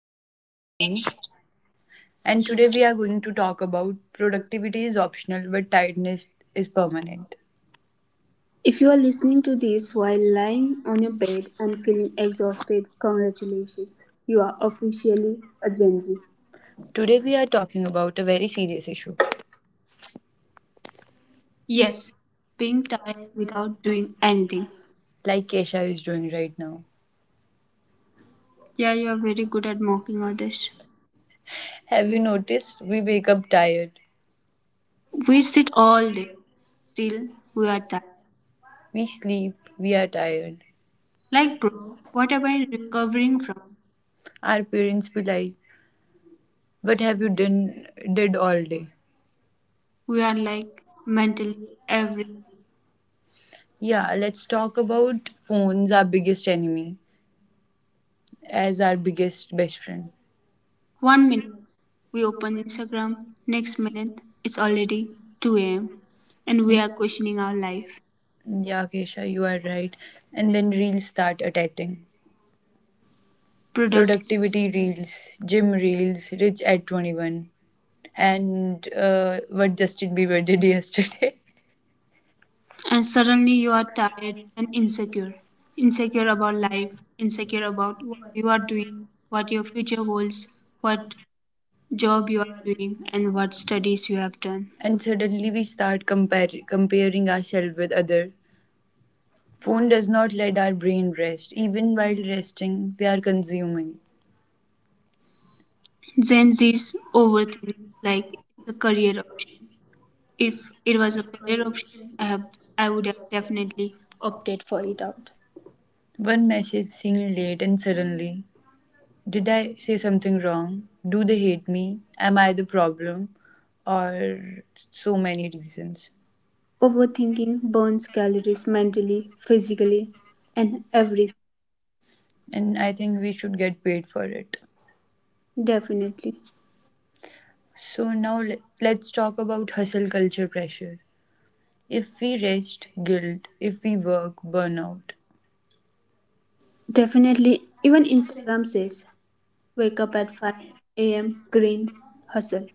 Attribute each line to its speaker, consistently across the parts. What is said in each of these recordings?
Speaker 1: my name is Suhani, and today we are going to talk about productivity is optional but tiredness is permanent.
Speaker 2: If you are listening to this while lying on your bed and feeling exhausted, congratulations. You are officially a Gen Z.
Speaker 1: Today we are talking about a very serious issue,
Speaker 2: Yes, being tired without doing anything.
Speaker 1: like Kesha is doing right now.
Speaker 2: Yeah, you are very good at mocking others.
Speaker 1: Have you noticed we wake up tired,
Speaker 2: We sit all day, still we are tired.
Speaker 1: we sleep, we are tired.
Speaker 2: Like, bro, what am I recovering from?
Speaker 1: Our parents be like, "What have you done did all day?"
Speaker 2: We are like mentally every
Speaker 1: Yeah, let's talk about phones, our biggest enemy, as our biggest best friend.
Speaker 2: one minute we open Instagram. Next minute it's already 2 a.m., and we are questioning our life,
Speaker 1: Yeah, Kesha, you are right. And then reels start attacking.
Speaker 2: productivity,
Speaker 1: Productivity reels, gym reels, rich at 21, and what Justin Bieber did yesterday.
Speaker 2: and suddenly you are tired and insecure about life, insecure about what you are doing, what your future holds, what job you are doing, and what studies you have done.
Speaker 1: And suddenly we start comparing ourselves with other. Phone does not let our brain rest. Even while resting, we are consuming.
Speaker 2: Gen Z's overthink like it's a career option. If it was a career option, i have I would have definitely opted for it out.
Speaker 1: One message seen late and suddenly, did I say something wrong? Do they hate me? Am I the problem? Or so many reasons.
Speaker 2: Overthinking burns calories mentally, physically, and everything.
Speaker 1: And I think we should get paid for it.
Speaker 2: Definitely.
Speaker 1: So now let's talk about hustle culture pressure. If we rest, guilt. If we work, burnout.
Speaker 2: Definitely, even Instagram says wake up at 5 a.m., grind, hustle.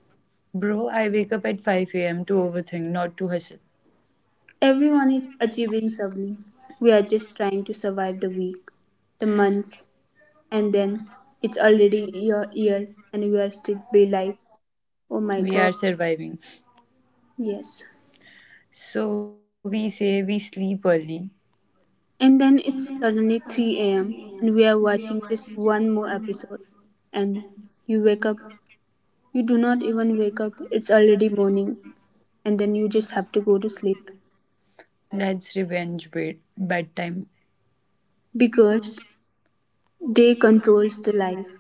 Speaker 1: Bro, I wake up at 5 a.m. to overthink, not to hustle.
Speaker 2: Everyone is achieving something. We are just trying to survive the week, the months, and then it's already your year, and we are still be like, oh my
Speaker 1: We are
Speaker 2: God,
Speaker 1: surviving.
Speaker 2: yes.
Speaker 1: So we say we sleep early.
Speaker 2: And then it's suddenly 3 a.m., and we are watching just one more episode, and you wake up. You do not even wake up, it's already morning, and then you just have to go to sleep
Speaker 1: That's revenge bedtime.
Speaker 2: because day controls the life.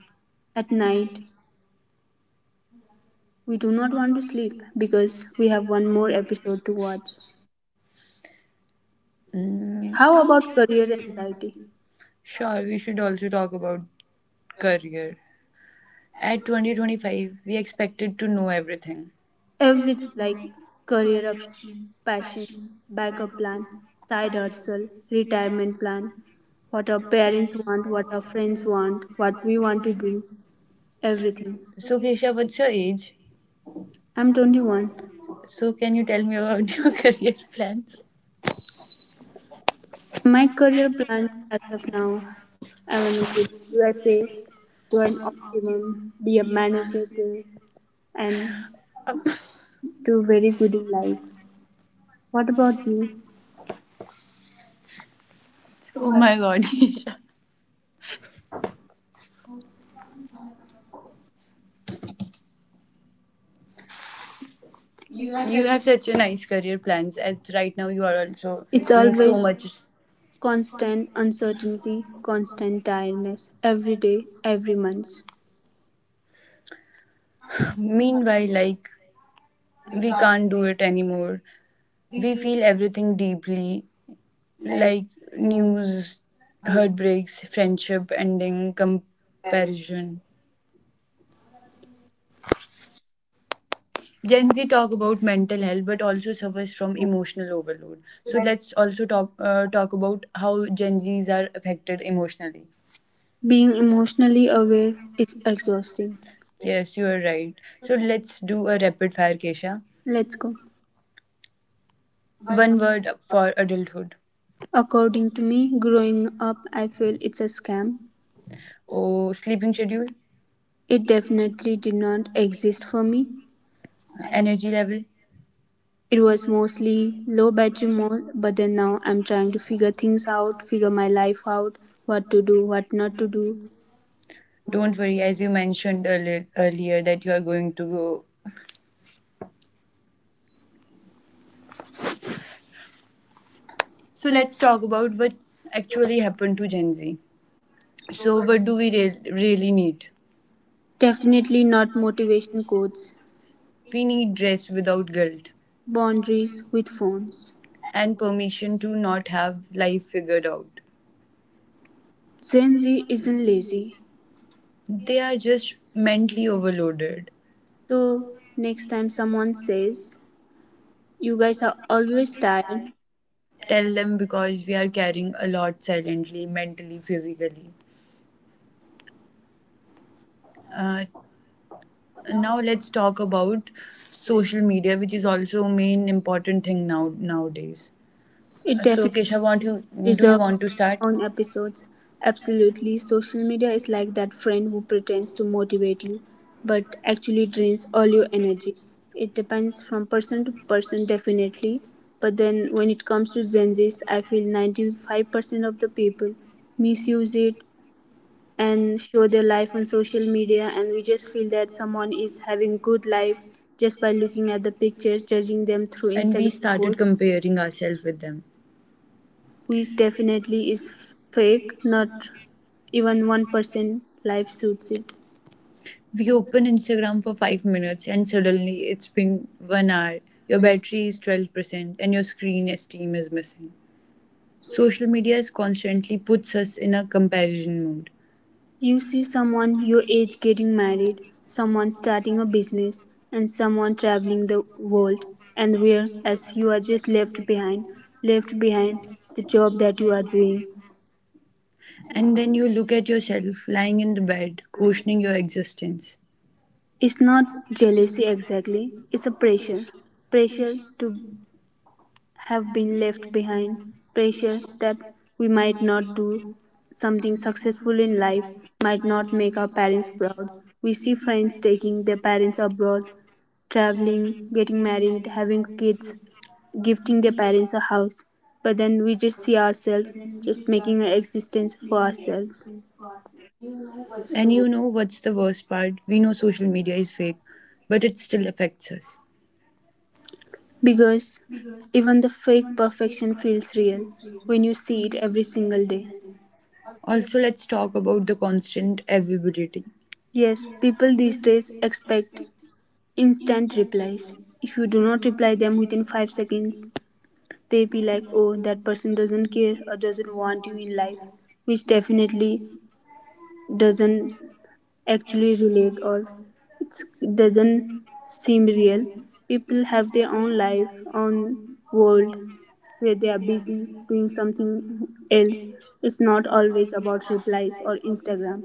Speaker 2: At night, we do not want to sleep because we have one more episode to watch.
Speaker 1: Mm,
Speaker 2: How about career anxiety?
Speaker 1: sure, we should also talk about career. At 2025, we expected to know everything.
Speaker 2: Everything like career option, passion, backup plan, side hustle, retirement plan, what our parents want, what our friends want, what we want to do, everything.
Speaker 1: So Kesha, what's your age?
Speaker 2: I'm 21.
Speaker 1: So can you tell me about your career plans?
Speaker 2: My career plans as of now, I want to go to USA, join Optimum, be a manager there, and do very good in life. What about you?
Speaker 1: Oh my god, Isha, you have such a nice career plans as right now you are also
Speaker 2: It's
Speaker 1: doing so
Speaker 2: always
Speaker 1: much.
Speaker 2: constant uncertainty, constant tiredness, every day, every month.
Speaker 1: Meanwhile, like we can't do it anymore. We feel everything deeply, like news, heartbreaks, friendship ending, comparison. Gen Z talk about mental health but also suffers from emotional overload. So let's also talk about how Gen Zs are affected emotionally.
Speaker 2: Being emotionally aware is exhausting.
Speaker 1: Yes, you are right. So let's do a rapid fire, Kesha.
Speaker 2: Let's go.
Speaker 1: One word for adulthood.
Speaker 2: According to me, growing up, I feel it's a scam.
Speaker 1: Oh, sleeping schedule,
Speaker 2: It definitely did not exist for me.
Speaker 1: energy level.
Speaker 2: It was mostly low battery mode, but then now I'm trying to figure things out, figure my life out, what to do, what not to do.
Speaker 1: Don't worry, as you mentioned earlier that you are going to go. So let's talk about what actually happened to Gen Z. So what do we really need?
Speaker 2: Definitely not motivation quotes,
Speaker 1: We need rest without guilt
Speaker 2: boundaries with phones.
Speaker 1: and permission to not have life figured out.
Speaker 2: Gen Z isn't lazy.
Speaker 1: They are just mentally overloaded.
Speaker 2: So next time someone says you guys are always tired,
Speaker 1: Tell them because we are carrying a lot silently, mentally, physically. Uh, Now let's talk about social media, which is also main important thing now nowadays.
Speaker 2: it
Speaker 1: So
Speaker 2: definitely
Speaker 1: Kesha, want you do you
Speaker 2: deserves its
Speaker 1: want to start?
Speaker 2: own episodes. Absolutely, social media is like that friend who pretends to motivate you but actually drains all your energy. It depends from person to person, definitely. But then when it comes to Gen Zs, I feel 95% of the people misuse it and show their life on social media, and we just feel that someone is having good life just by looking at the pictures, judging them through
Speaker 1: And we
Speaker 2: Instagram
Speaker 1: started
Speaker 2: posts,
Speaker 1: comparing ourselves with them.
Speaker 2: which definitely is fake. Not even 1% life suits it.
Speaker 1: We open Instagram for 5 minutes and suddenly it's been 1 hour. Your battery is 12% and your screen esteem is missing. Social media is constantly puts us in a comparison mode.
Speaker 2: You see someone your age getting married, someone starting a business, and someone traveling the world, and whereas you are just left behind, left behind the job that you are doing.
Speaker 1: And then you look at yourself lying in the bed, questioning your existence.
Speaker 2: It's not jealousy exactly, it's a pressure. Pressure to have been left behind, pressure that we might not do something successful in life, might not make our parents proud. We see friends taking their parents abroad, traveling, getting married, having kids, gifting their parents a house, but then we just see ourselves just making an existence for ourselves.
Speaker 1: And you know what's the worst part? We know social media is fake, but it still affects us.
Speaker 2: Because even the fake perfection feels real when you see it every single day.
Speaker 1: Also, let's talk about the constant availability.
Speaker 2: Yes, people these days expect instant replies. If you do not reply them within 5 seconds, they be like, oh, that person doesn't care or doesn't want you in life, which definitely doesn't actually relate, or it's, doesn't seem real. People have their own life, own world, where they are busy doing something else. It's not always about replies or Instagram.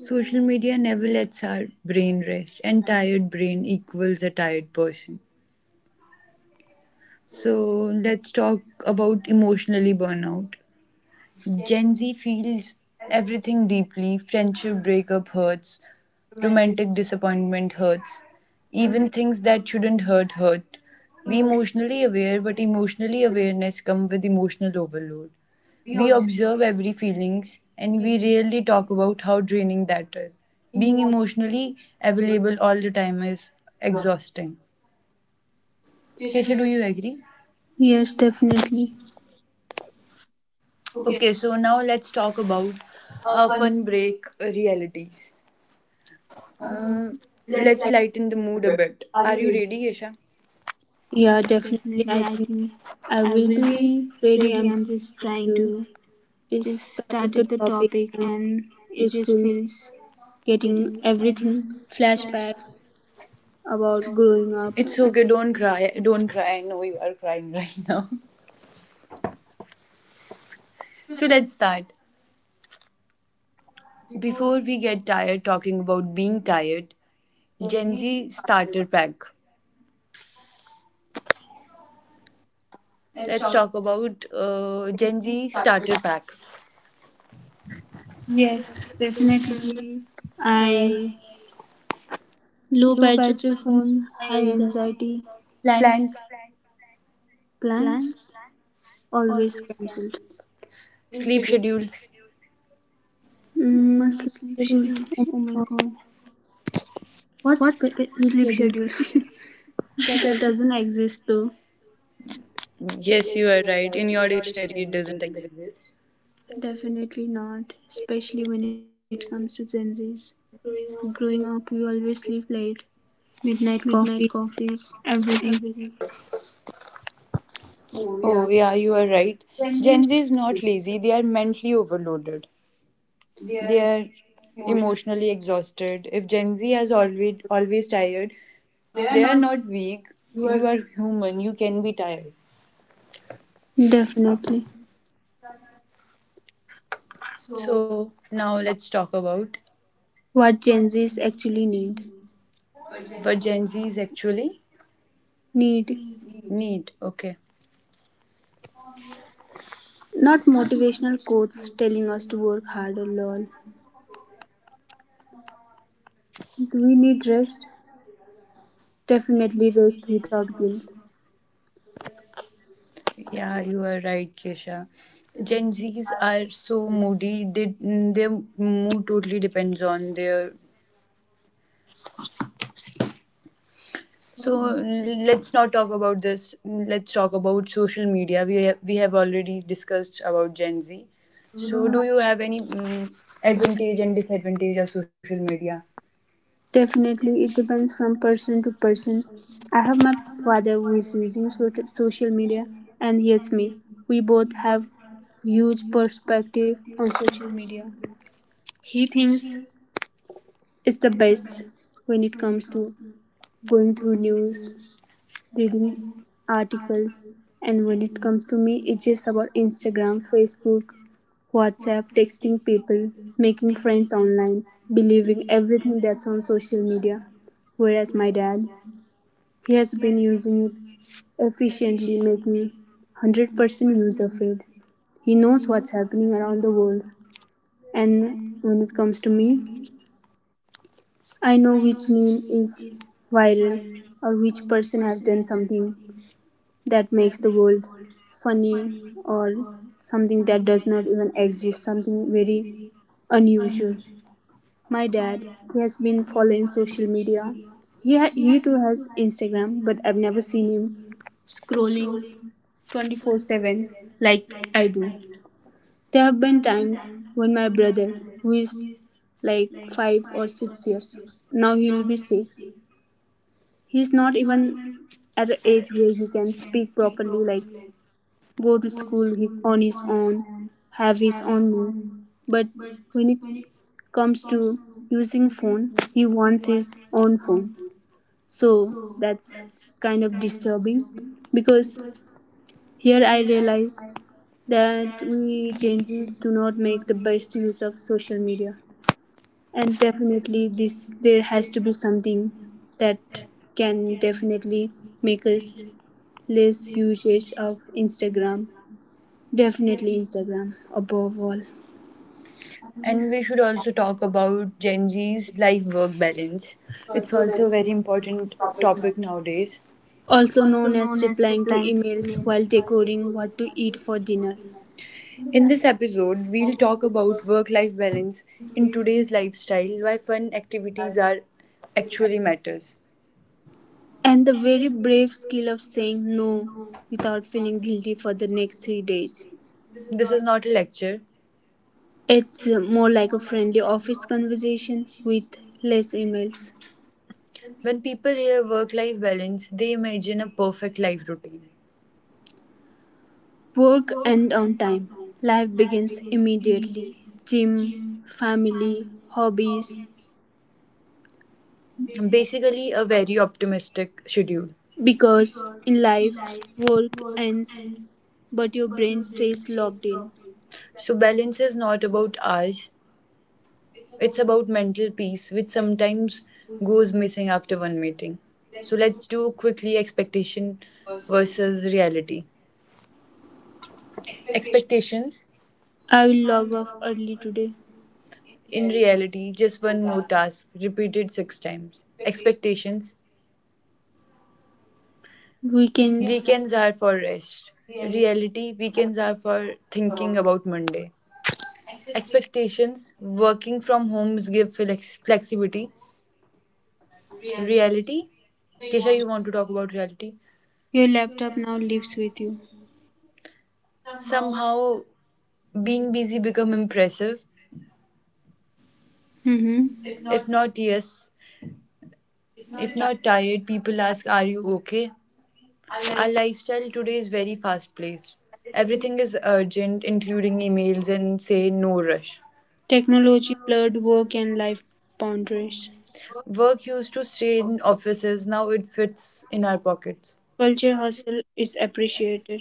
Speaker 1: Social media never lets our brain rest, and tired brain equals a tired person. So let's talk about emotionally burnout. Gen Z feels everything deeply. Friendship breakup hurts, romantic disappointment hurts, even things that shouldn't hurt hurt. We emotionally aware, but emotionally awareness come with emotional overload. We observe every feelings and we rarely talk about how draining that is. Being emotionally available all the time is exhausting. Kesha, do you agree?
Speaker 2: Yes, definitely.
Speaker 1: Okay, so now let's talk about fun break realities. Um, let's lighten the mood a bit. Are you ready, Kesha?
Speaker 2: Yeah, definitely. I think I will be ready. I'm just trying to just started the topic, and just feel getting everything flashbacks about growing up.
Speaker 1: It's
Speaker 2: And
Speaker 1: okay, don't cry. Don't cry. I know you are crying right now. So let's start. Before we get tired talking about being tired, Gen Z starter pack. Let's talk about Gen Z starter pack,
Speaker 2: yes, definitely. I low battery, phone, high anxiety, plans,
Speaker 1: plans,
Speaker 2: plans always cancelled.
Speaker 1: sleep schedule.
Speaker 2: Mm, my sleep schedule. Oh my God. What's sc- sleep schedule? That doesn't.
Speaker 1: Yes, you are right. In your dictionary, it doesn't exist.
Speaker 2: Midnight coffee, everything.
Speaker 1: Oh, yeah, you are right. Gen Z is not lazy, they are mentally overloaded. They are emotionally exhausted. If Gen Z is always tired, they are not weak. You are human, you can be tired.
Speaker 2: Definitely.
Speaker 1: So now let's talk about
Speaker 2: What Gen Zs actually need.
Speaker 1: what Gen Z is actually
Speaker 2: Need.
Speaker 1: need. Okay.
Speaker 2: Not motivational quotes telling us to work harder, lol. Do we need rest? Definitely rest without guilt.
Speaker 1: Yeah, you are right, Kesha. Gen Zs are so moody. They, their mood totally depends on their. So let's not talk about this. Let's talk about social media. We have already discussed about Gen Z. So do you have any advantage and disadvantage of social media?
Speaker 2: Definitely, it depends from person to person. I have my father who is using social media, and he hates me. We both have huge perspective on social media. He thinks it's the best when it comes to going through news, reading articles, and when it comes to me, it's just about Instagram, Facebook, WhatsApp, texting people, making friends online, believing everything that's on social media. Whereas my dad, he has been using it efficiently, making 100% use of it. He knows what's happening around the world. And when it comes to me, I know which meme is viral or which person has done something that makes the world funny or something that does not even exist, something very unusual. My dad, he has been following social media. He too has Instagram, but I've never seen him scrolling 24/7 like I do. There have been times when my brother, who is like 5 or 6 years, now he'll be six, he's not even at an age where he can speak properly, like go to school his, on his own, have his own meal. But when it comes to using phone, he wants his own phone. So that's kind of disturbing because here I realize that we Gen Zs do not make the best use of social media. And definitely this there has to be something that can definitely make us less usage of Instagram. Definitely Instagram above all.
Speaker 1: And we should also talk about Gen Z's life work balance. It's also a very important topic nowadays.
Speaker 2: Also known as replying to emails while decoding what to eat for dinner.
Speaker 1: In this episode, we'll talk about work life balance in today's lifestyle, why fun activities are actually matters.
Speaker 2: And the very brave skill of saying no without feeling guilty for the next 3 days.
Speaker 1: This is not a lecture.
Speaker 2: It's more like a friendly office conversation with less emails.
Speaker 1: When people hear work life balance, they imagine a perfect life routine.
Speaker 2: Work end on time. Life begins immediately. Gym, family, hobbies.
Speaker 1: Basically, a very optimistic schedule.
Speaker 2: Because in life, work ends, but your brain stays logged in.
Speaker 1: So, balance is not about hours, it's about mental peace, which sometimes goes missing after one meeting. So, let's do quickly expectation versus reality. Expectations.
Speaker 2: I will log off early today.
Speaker 1: In reality, just one more task, repeated six times. Expectations.
Speaker 2: Weekends,
Speaker 1: Weekends are for rest. Reality. Weekends are for thinking about Monday. Expectations. Working from homes give flexibility. Reality. Kesha, you want to talk about reality?
Speaker 2: your laptop now lives with you.
Speaker 1: Somehow being busy become impressive.
Speaker 2: Hmm.
Speaker 1: If not, yes. If not tired, people ask, are you okay? Our lifestyle today is very fast paced. Everything is urgent, including emails and say no rush.
Speaker 2: Technology blurred work and life boundaries.
Speaker 1: Work used to stay in offices, now it fits in our pockets.
Speaker 2: Culture hustle is appreciated.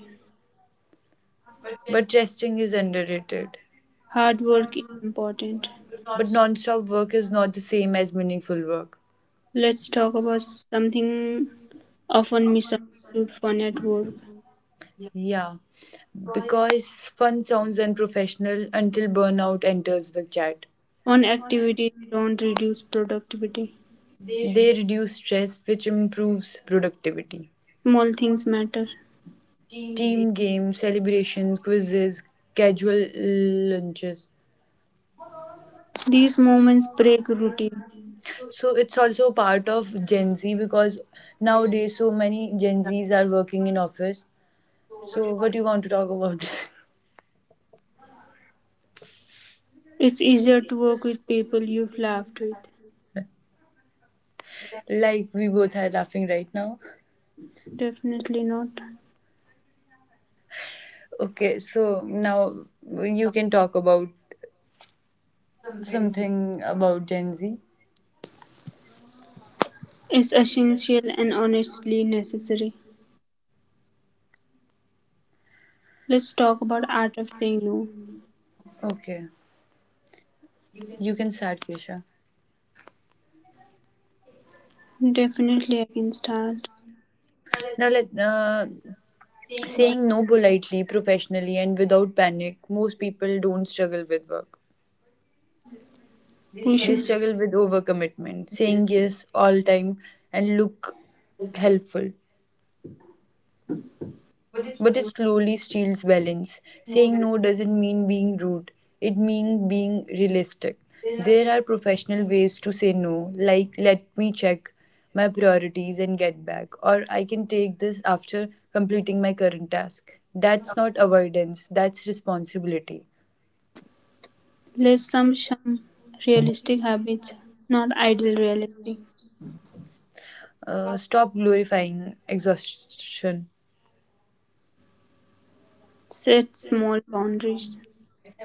Speaker 1: But resting is underrated.
Speaker 2: Hard work is important.
Speaker 1: But non stop work is not the same as meaningful work.
Speaker 2: Let's talk about something often misunderstood fun at work.
Speaker 1: Yeah, because fun sounds unprofessional until burnout enters the chat.
Speaker 2: Fun activities don't reduce productivity.
Speaker 1: They reduce stress, which improves productivity.
Speaker 2: Small things matter.
Speaker 1: Team games, celebrations, quizzes, casual lunches.
Speaker 2: These moments break routine.
Speaker 1: So it's also part of Gen Z because nowadays so many Gen Zs are working in office. So what do you want to talk about this?
Speaker 2: It's easier to work with people you've laughed with.
Speaker 1: Like we both are laughing right now.
Speaker 2: Definitely not.
Speaker 1: Okay, so now you can talk about something about Gen Z.
Speaker 2: It's essential and honestly necessary. Let's talk about art of saying no.
Speaker 1: Okay, you can start, Kesha.
Speaker 2: Definitely I can start.
Speaker 1: Now let saying no politely, professionally, and without panic. Most people don't struggle with work.
Speaker 2: We
Speaker 1: They
Speaker 2: should
Speaker 1: struggle with overcommitment, saying yes all time, and look helpful. But it slowly steals balance. Saying no doesn't mean being rude, it means being realistic. There are professional ways to say no, like let me check my priorities and get back, or I can take this after completing my current task. That's not avoidance, that's responsibility.
Speaker 2: list some realistic habits, not ideal realistic.
Speaker 1: Stop glorifying exhaustion,
Speaker 2: Set small boundaries.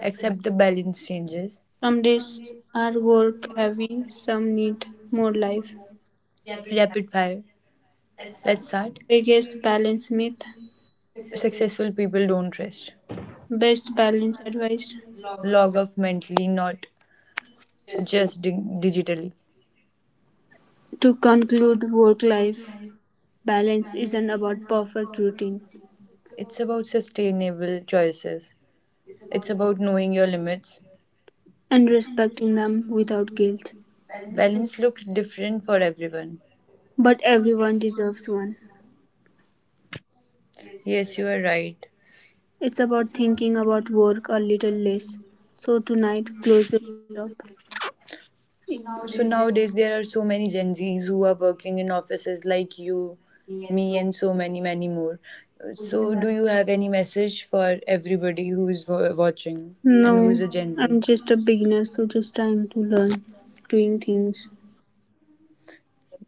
Speaker 1: accept the balance changes.
Speaker 2: Some days are work heavy, some need more life.
Speaker 1: Rapid fire, let's start.
Speaker 2: Biggest balance myth.
Speaker 1: Successful people don't rest,
Speaker 2: Best balance advice.
Speaker 1: log off mentally, not just digitally.
Speaker 2: To conclude, work life balance isn't about perfect routine
Speaker 1: It's about sustainable choices. It's about knowing your limits.
Speaker 2: and respecting them without guilt,
Speaker 1: Balance looks different for everyone.
Speaker 2: but everyone deserves one.
Speaker 1: Yes, you are right.
Speaker 2: It's about thinking about work a little less. So tonight, close your laptop.
Speaker 1: So nowadays there are so many Gen Zs who are working in offices like you, me, and so many, many more. So do you have any message for everybody who is watching and who
Speaker 2: No,
Speaker 1: is a Gen Z?
Speaker 2: I'm just a beginner, so just trying to learn doing things.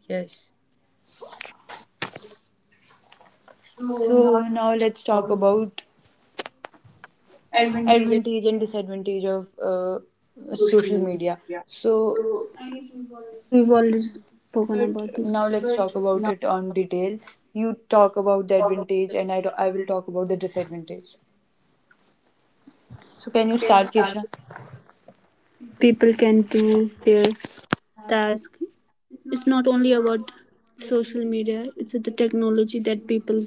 Speaker 1: Yes. So now let's talk about advantage and disadvantage of social media, so
Speaker 2: We've already spoken about this.
Speaker 1: but now let's talk about it on detail. You talk about the advantage and I will talk about the disadvantage. So can you start Kesha?
Speaker 2: People can do their task. It's not only about social media, it's the technology that people get.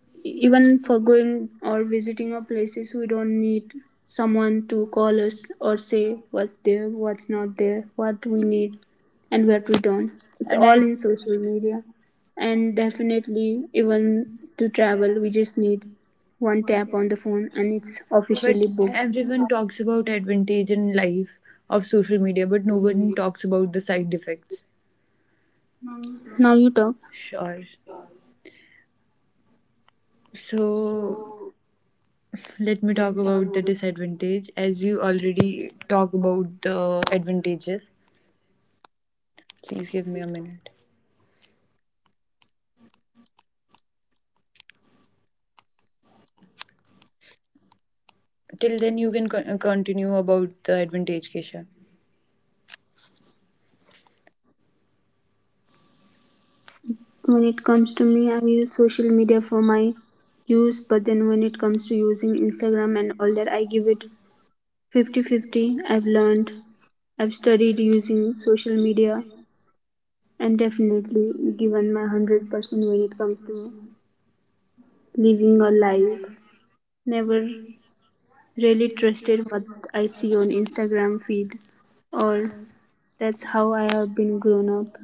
Speaker 2: Even for going or visiting our places, we don't need someone to call us or say what's there, what's not there, what we need, and what we
Speaker 1: And
Speaker 2: don't. It's all
Speaker 1: I,
Speaker 2: in social media. And definitely, even to travel, we just need one tap on the phone, and it's
Speaker 1: but
Speaker 2: officially booked.
Speaker 1: everyone talks about advantage in life of social media, but no one talks about the side effects.
Speaker 2: Now you talk.
Speaker 1: Sure. So let me talk about the disadvantage as you already talk about the advantages. Please give me a minute. Till then you can continue about the advantage, Kesha.
Speaker 2: When it comes to me, I use social media for my use, but then when it comes to using Instagram and all that, I give it 50-50. I've learned, I've studied using social media, and definitely given my 100% when it comes to living a life. Never really trusted what I see on Instagram feed, or that's how I have been grown up.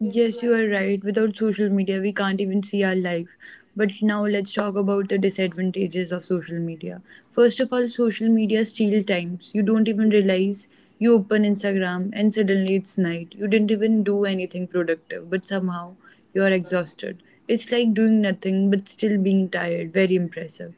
Speaker 1: Yes, you are right. Without social media, we can't even see our life. But now let's talk about the disadvantages of social media. First of all, social media steal times. You don't even realize you open Instagram and suddenly it's night. You didn't even do anything productive, but somehow you are exhausted. It's like doing nothing but still being tired. Very impressive.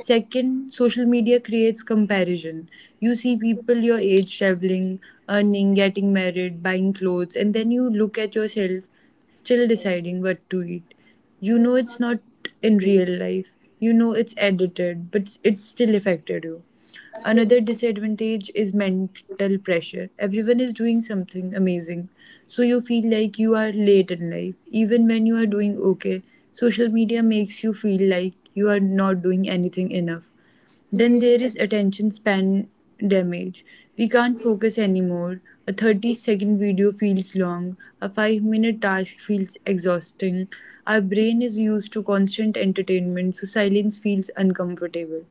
Speaker 1: Second, social media creates comparison. You see people your age traveling, earning, getting married, buying clothes, and then you look at yourself still deciding what to eat. You know it's not in real life, you know it's edited, but it still affected you. Another disadvantage is mental pressure. Everyone is doing something amazing, so you feel like you are late in life, even when you are doing okay. Social media makes you feel like you are not doing anything enough. Then there is attention span damage. We can't focus anymore. A 30-second video feels long. A 5-minute task feels exhausting. Our brain is used to constant entertainment, so silence feels uncomfortable.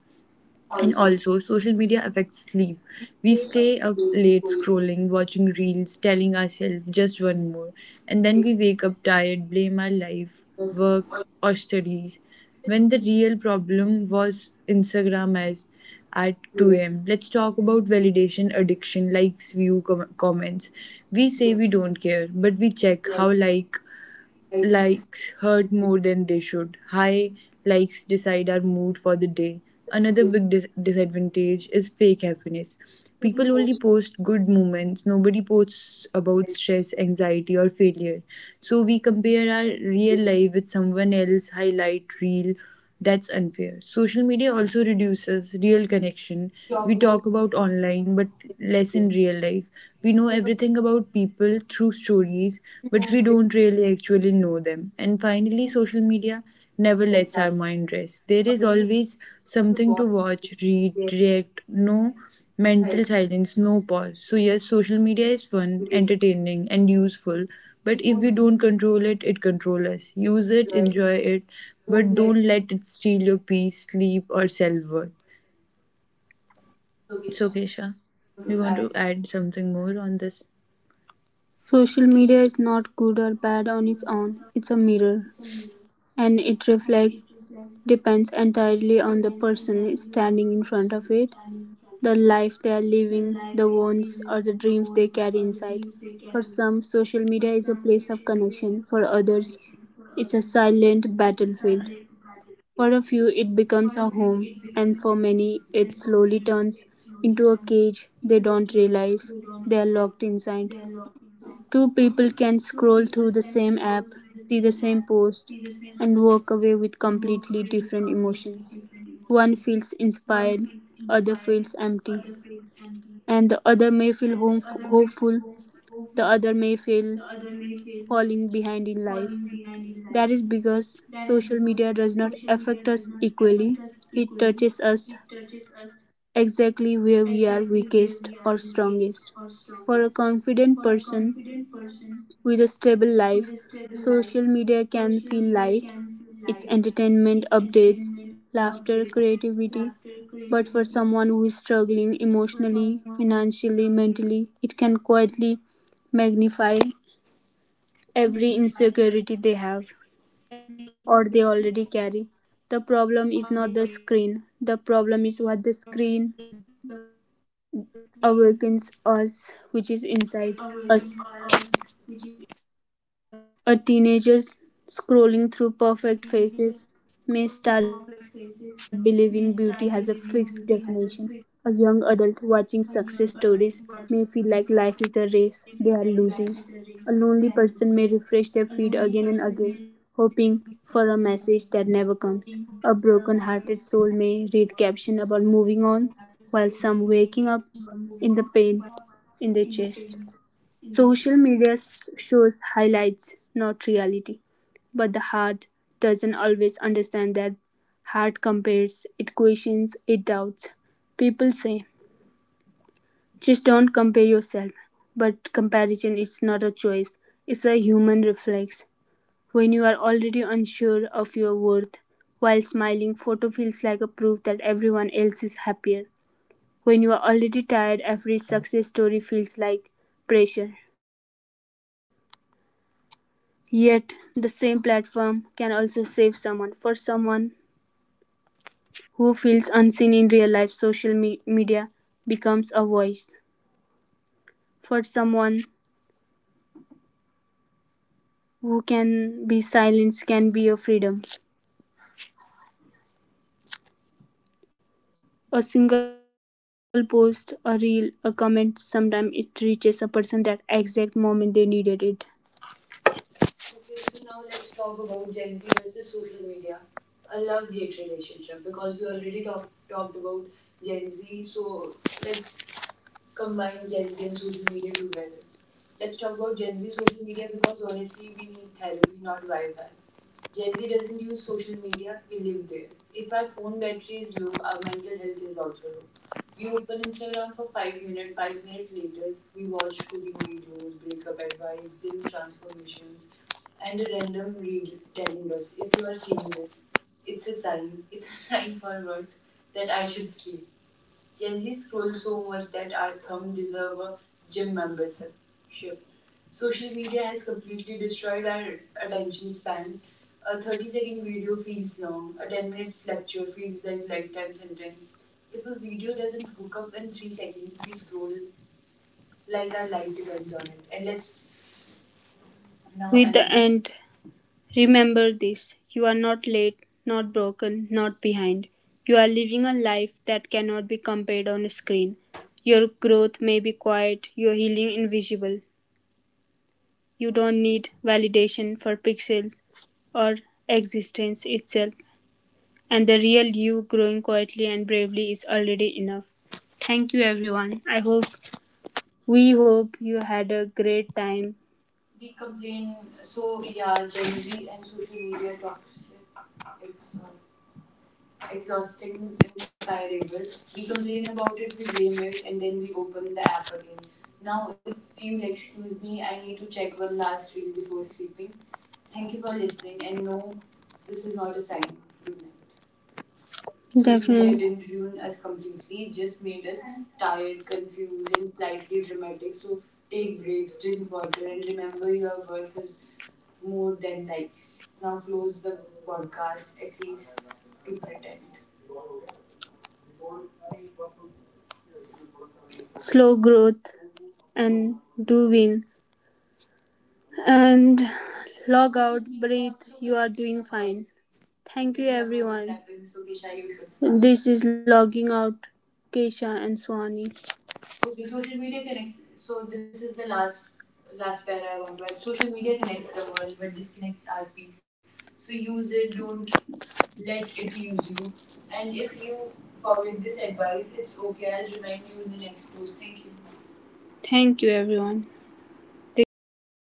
Speaker 1: And also, social media affects sleep. We stay up late scrolling, watching reels, telling ourselves just one more. And then we wake up tired, blame our life, work, or studies. When the real problem was Instagram as at 2 am. Let's talk about validation addiction, likes, view, comments. We say we don't care, but we check how likes hurt more than they should. High likes decide our mood for the day. Another big disadvantage is fake happiness. People only post good moments, nobody posts about stress, anxiety, or failure. So we compare our real life with someone else's highlight reel, that's unfair. Social media also reduces real connection. We talk about online, but less in real life. We know everything about people through stories, but we don't really actually know them. And finally, social media never lets our mind rest. There is always something to watch, read, react, know mental silence, no pause. So, yes, social media is fun, entertaining, and useful, but if we don't control it, it controls us. Use it, enjoy it, but don't let it steal your peace, sleep, or self worth. So, Kesha, you want to add something more on this?
Speaker 2: Social media is not good or bad on its own, it's a mirror, and it reflects depends entirely on the person standing in front of it, the life they are living, the wants or the dreams they carry inside. For some, social media is a place of connection, for others, it's a silent battlefield. For a few, it becomes a home, and for many, it slowly turns into a cage they don't realize they are locked inside. Two people can scroll through the same app, see the same post, and walk away with completely different emotions. One feels inspired, other feels empty, and the other may feel hopeful, the other may feel falling behind in life. That is because social media does not affect us equally. It touches us exactly where we are weakest or strongest. For a confident person, with a stable life, social media can feel light. It's entertainment, updates, laughter, creativity. But for someone who is struggling emotionally, financially, mentally, it can quietly magnify every insecurity they have or they already carry. The problem is not the screen, the problem is what the screen awakens us, which is inside us. A teenager scrolling through perfect faces may start believing beauty has a fixed definition. A young adult watching success stories may feel like life is a race they are losing. A lonely person may refresh their feed again and again, hoping for a message that never comes. A broken hearted soul may read captions about moving on while some waking up in the pain in their chest. Social media shows highlights, not reality. But the heart doesn't always understand that. Heart compares, it questions, it doubts. People say, just don't compare yourself. But comparison is not a choice, it's a human reflex. When you are already unsure of your worth, while smiling, photo feels like a proof that everyone else is happier. When you are already tired, every success story feels like pressure. Yet, the same platform can also save someone. For someone who feels unseen in real life, social media becomes a voice. For someone who can be silenced, can be a freedom. A single post, a reel, a comment, sometimes it reaches a person that exact moment they needed it.
Speaker 1: Okay, so now let's talk about Gen Z versus social media. A love hate relationship because we already talked about Gen Z. So let's combined Gen Z and social media together. Let's talk about Gen Z social media because honestly, we need therapy, not Wi Fi. Gen Z doesn't use social media, we live there. If our phone battery is low, our mental health is also low. We open Instagram for 5 minutes, 5 minutes later, we watch cooking videos, breakup advice, gym transformations, and a random reel telling us if you are seeing this, it's a sign, it's a sign for what? That I should sleep. Gen Z scroll so much that our thumb deserve a gym membership. Social media has completely destroyed our attention span. A 30-second video feels long, a 10 minutes lecture feels like lifetime sentence. If a video doesn't hook up in 3 seconds, we scroll like our life depends on it. And let's now
Speaker 2: With
Speaker 1: end
Speaker 2: the
Speaker 1: this.
Speaker 2: end, remember this: you are not late, not broken, not behind. You are living a life that cannot be compared on a screen. Your growth may be quiet, your healing invisible. You don't need validation for pixels or existence itself, and the real you growing quietly and bravely is already enough. Thank you, everyone. I hope We hope you had a great time.
Speaker 1: We complain so yeah, Gen Z and social media toxic exhaust, exhausting, inspirable. We complain about it, we blame it, and then we open the app again. Now, if you'll excuse me, I need to check one last reel before sleeping. Thank you for listening, and no, this is not a sign. Good night. Social media
Speaker 2: Definitely.
Speaker 1: didn't ruin us completely, it just made us tired, confused, and slightly dramatic. So, take breaks, drink water, and remember your worth is more than likes. Now, close the podcast, at least to pretend.
Speaker 2: Slow growth and do win and log
Speaker 1: Social
Speaker 2: out
Speaker 1: media
Speaker 2: breathe.
Speaker 1: also
Speaker 2: You are
Speaker 1: connects the
Speaker 2: doing
Speaker 1: world.
Speaker 2: fine.
Speaker 1: Okay,
Speaker 2: Thank you,
Speaker 1: we are
Speaker 2: everyone.
Speaker 1: overlapping, so Kesha, you should start.
Speaker 2: Start. This is logging out. Kesha and Swani.
Speaker 1: Okay, social media connects. So this is the last para I want to add. Social media connects the world, but disconnects our peace. So use it. Don't let it use you. And if you forget this advice, it's okay. I'll remind you in the next post. Thank you.
Speaker 2: Thank you, everyone. This is signing